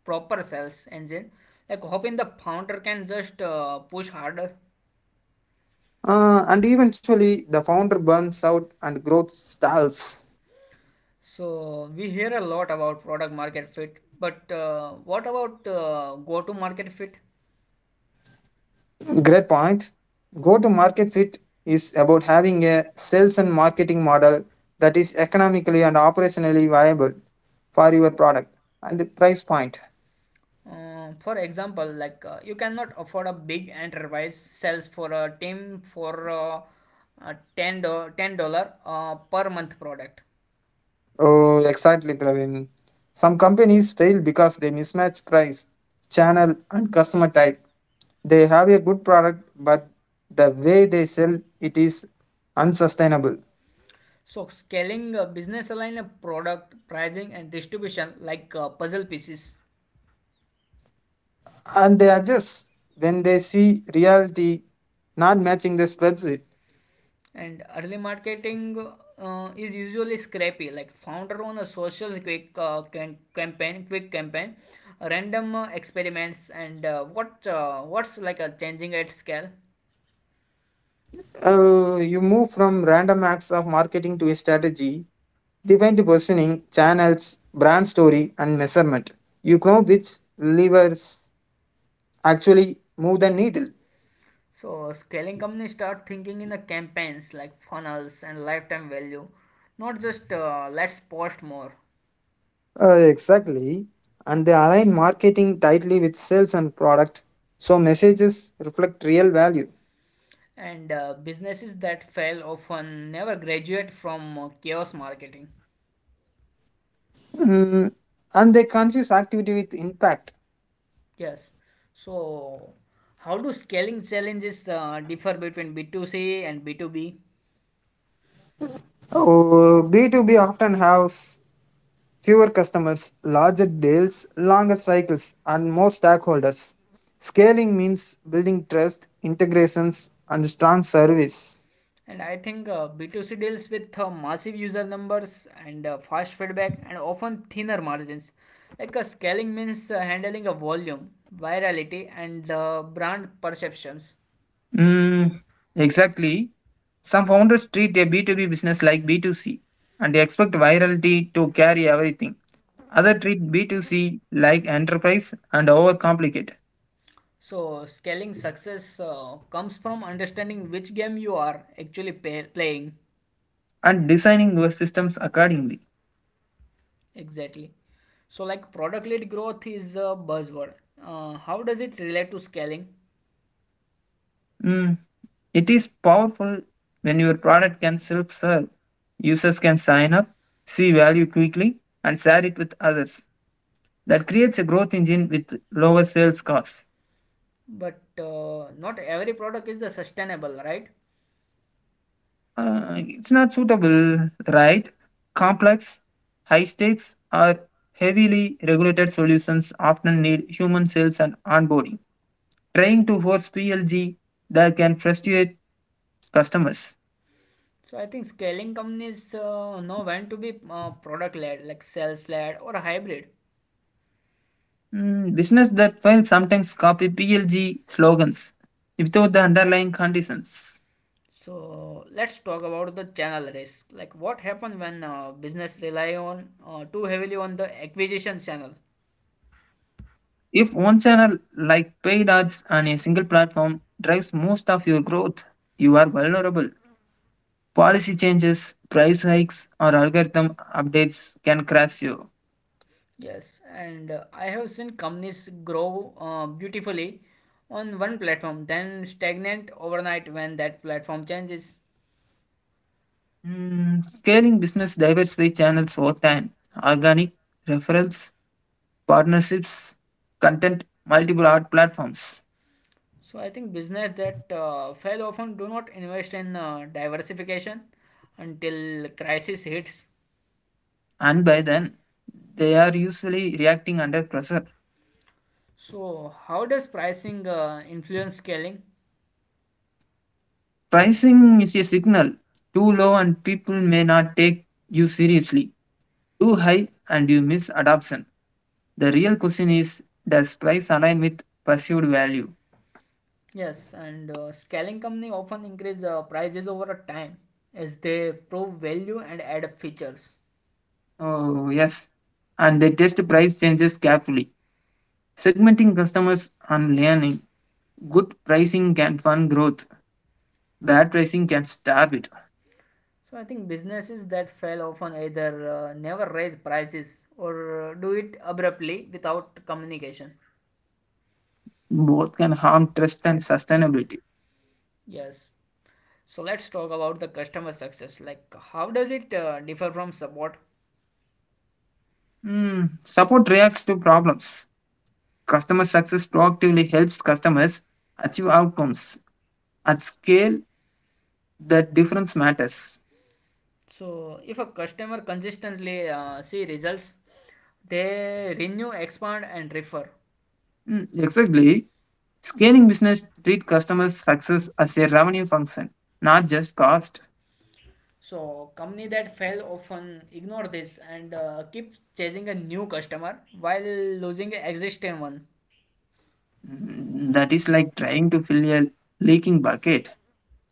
proper sales engine, like hoping the founder can just uh, push harder. Uh, and eventually, the founder burns out and growth stalls. So we hear a lot about product market fit, but uh, what about uh, go-to market fit? Great point. Go to market fit is about having a sales and marketing model that is economically and operationally viable for your product and the price point. Uh, for example, like uh, you cannot afford a big enterprise sales for a team for uh, a ten dollar uh, per month product. Oh, exactly, Praveen. Some companies fail because they mismatch price, channel, and customer type. They have a good product, but the way they sell it is unsustainable. So, scaling a business align a product, pricing, and distribution like uh, puzzle pieces. And they adjust when they see reality not matching the spreadsheet. And early marketing uh, is usually scrappy, like founder on a social quick uh, campaign, quick campaign, random uh, experiments, and uh, what uh, what's like a changing at scale. Uh, you move from random acts of marketing to a strategy, defined positioning, channels, brand story, and measurement. You know which levers actually move the needle. So, scaling companies start thinking in the campaigns like funnels and lifetime value, not just uh, let's post more. Uh, exactly. And they align marketing tightly with sales and product, so messages reflect real value. And uh, businesses that fail often never graduate from uh, chaos marketing. Mm, And they confuse activity with impact. Yes. So, how do scaling challenges uh, differ between B two C and B two B? Oh, B two B often has fewer customers, larger deals, longer cycles, and more stakeholders. Scaling means building trust, integrations, and strong service. And I think uh, B two C deals with uh, massive user numbers and uh, fast feedback and often thinner margins. Like uh, scaling means uh, handling a volume, virality, and uh, brand perceptions. Mm, exactly. Some founders treat a B two B business like B two C and they expect virality to carry everything. Others treat B two C like enterprise and overcomplicate So, scaling success uh, comes from understanding which game you are actually pay- playing. and designing your systems accordingly. Exactly. So, like product led growth is a buzzword. Uh, how does it relate to scaling? Mm, it is powerful when your product can self serve. Users can sign up, see value quickly, and share it with others. That creates a growth engine with lower sales costs. But uh, not every product is the sustainable, right? Uh, it's not suitable, right? Complex, high stakes, or heavily regulated solutions often need human sales and onboarding. Trying to force P L G that can frustrate customers. So, I think scaling companies uh, know when to be uh, product led, like sales led or hybrid. Mm, business that will sometimes copy P L G slogans without the underlying conditions. So, let's talk about the channel risk. Like, what happens when uh, business rely on uh, too heavily on the acquisition channel? If one channel like paid ads on a single platform drives most of your growth, you are vulnerable. Policy changes, price hikes, or algorithm updates can crash you. Yes, and uh, I have seen companies grow uh, beautifully on one platform, then stagnant overnight when that platform changes. Mm, scaling business diversify channels over time organic, referrals, partnerships, content, multiple art platforms. So I think business that uh, fail often do not invest in uh, diversification until crisis hits. And by then, they are usually reacting under pressure. So how does pricing uh, influence scaling? Pricing is a signal. Too low and people may not take you seriously. Too high and you miss adoption. The real question is does price align with perceived value? Yes, and uh, scaling company often increase uh, prices over a time as they prove value and add up features. Oh, yes. And they test price changes carefully, segmenting customers and learning. Good pricing can fund growth. Bad pricing can starve it. So I think businesses that fail often either uh, never raise prices or uh, do it abruptly without communication. Both can harm trust and sustainability. Yes. So let's talk about the customer success. Like, how does it uh, differ from support? Hmm. Support reacts to problems. Customer success proactively helps customers achieve outcomes. At scale, the difference matters. So, if a customer consistently uh, see results, they renew, expand, and refer. Hmm, exactly. Scaling business treat customer success as a revenue function, not just cost. So, company that fail often ignore this and uh, keep chasing a new customer while losing an existing one. Mm, That is like trying to fill a leaking bucket.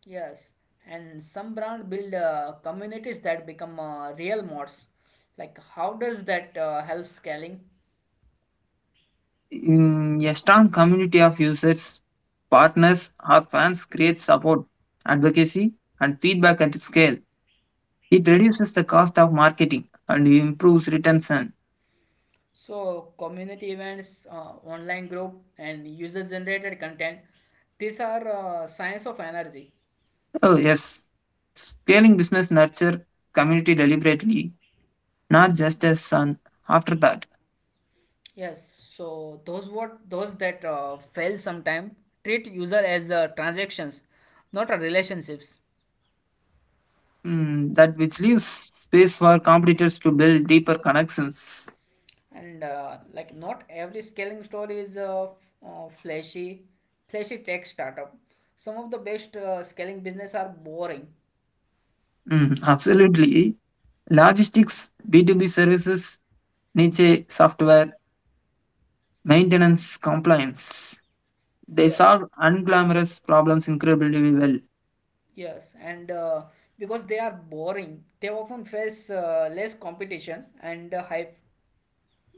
Yes, and some brand build uh, communities that become uh, real mods. Like, how does that uh, help scaling? In a strong community of users, partners, or fans creates support, advocacy, and feedback at scale. It reduces the cost of marketing and improves retention. So, community events, uh, online group, and user-generated content. These are uh, signs of energy. Oh, yes. Scaling business nurture community deliberately, not just as an afterthought. Yes, so those what those that uh, fail sometime treat user as uh, transactions, not uh, relationships. Mm, that which leaves space for competitors to build deeper connections. And uh, like not every scaling story is a f- uh, flashy, flashy tech startup. Some of the best uh, scaling business are boring. Mm, absolutely. Logistics, B two B services, niche software, maintenance, compliance. They Yes, solve unglamorous problems incredibly well. yes, and uh, because they are boring, they often face uh, less competition and uh, hype.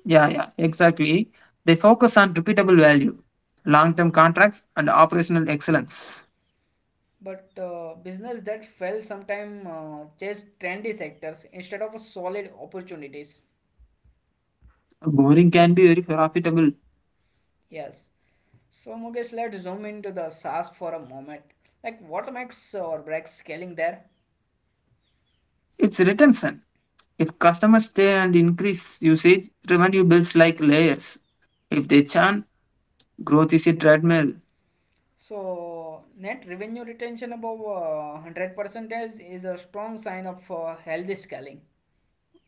Yeah, yeah, exactly. They focus on repeatable value, long term contracts, and operational excellence. But uh, business that fail sometime uh, chase trendy sectors instead of solid opportunities. Boring can be very profitable. Yes. So Mukesh, let's zoom into the SaaS for a moment. Like what makes or breaks scaling there? It's retention. If customers stay and increase usage, revenue builds like layers. If they churn, growth is a treadmill. So, net revenue retention above uh, one hundred percent is, is a strong sign of uh, healthy scaling.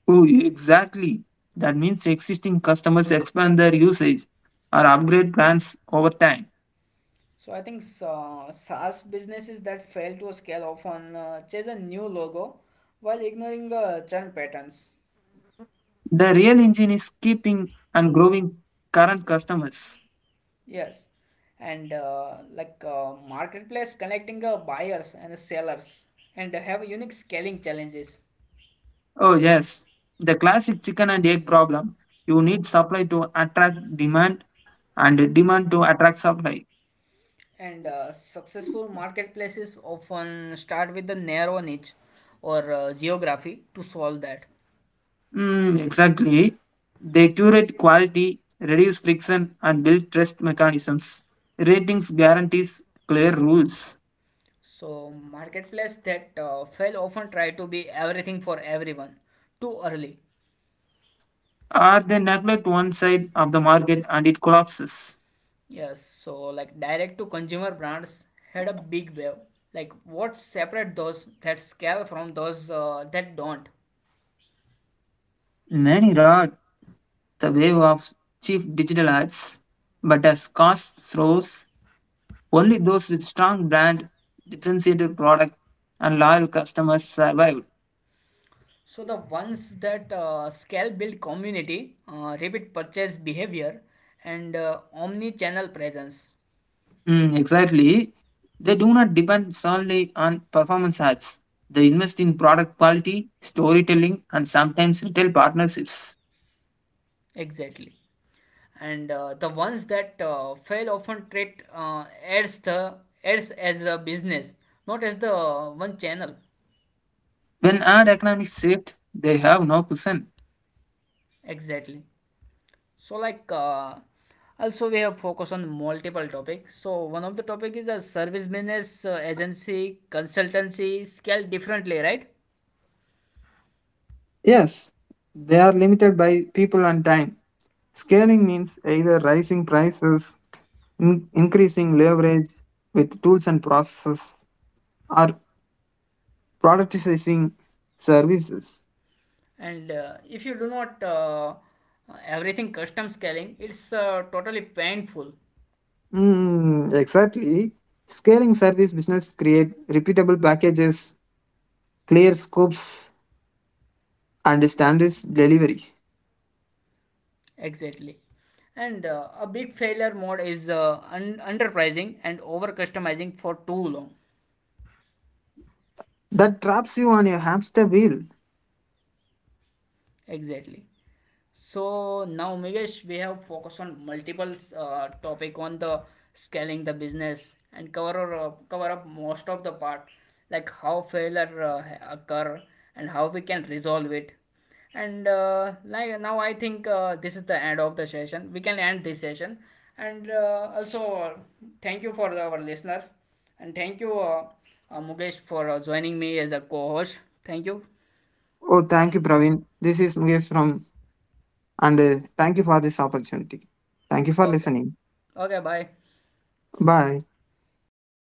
Oh, exactly. That means existing customers expand their usage or upgrade plans over time. So, I think uh, SaaS businesses that fail to scale often uh, chase a new logo while ignoring uh, churn patterns. The real engine is keeping and growing current customers. Yes, and uh, like uh, marketplace connecting uh, buyers and sellers and have unique scaling challenges. Oh, yes. The classic chicken and egg problem. You need supply to attract demand and demand to attract supply. And uh, successful marketplaces often start with the narrow niche or uh, geography to solve that. Mm, exactly. They curate quality, reduce friction, and build trust mechanisms. Ratings guarantees clear rules. So, marketplace that uh, fail often try to be everything for everyone too early. Or they neglect one side of the market and it collapses. Yes, so like direct to consumer brands had a big wave. Like, what separate those that scale from those uh, that don't? Many ride the wave of cheap digital ads, but as costs rose, only those with strong brand, differentiated product, and loyal customers survived. So the ones that uh, scale build community, uh, repeat purchase behavior, and uh, omni-channel presence. Mm, exactly. They do not depend solely on performance ads. They invest in product quality, storytelling, and sometimes retail partnerships. Exactly. And uh, the ones that uh, fail often treat uh, ads the ads as a business, not as the uh, one channel. When ad economics shift, they have no cushion. Exactly. So like uh, also we have focus on multiple topics, so one of the topic is a service business, uh, agency consultancy scale differently, right? Yes, they are limited by people and time. Scaling means either rising prices, in- increasing leverage with tools and processes, or productizing services. And uh, if you do not uh, everything custom scaling, it's uh, totally painful. Mm, exactly. Scaling service business create repeatable packages, clear scopes, and standards delivery. Exactly. And uh, a big failure mode is uh, un- underpricing and over customizing for too long. That traps you on your hamster wheel. Exactly. So now, Migesh, we have focused on multiple uh, topic on the scaling the business and cover uh, cover up most of the part, like how failure uh, occur and how we can resolve it. And uh, like now, I think uh, this is the end of the session. We can end this session. And uh, also, uh, thank you for our listeners, and thank you, uh, uh, Mugesh, for uh, joining me as a co-host. Thank you. Oh, thank you, Praveen. This is Mukesh from, and uh, thank you for this opportunity. Thank you for Okay. listening. Okay. Bye. Bye.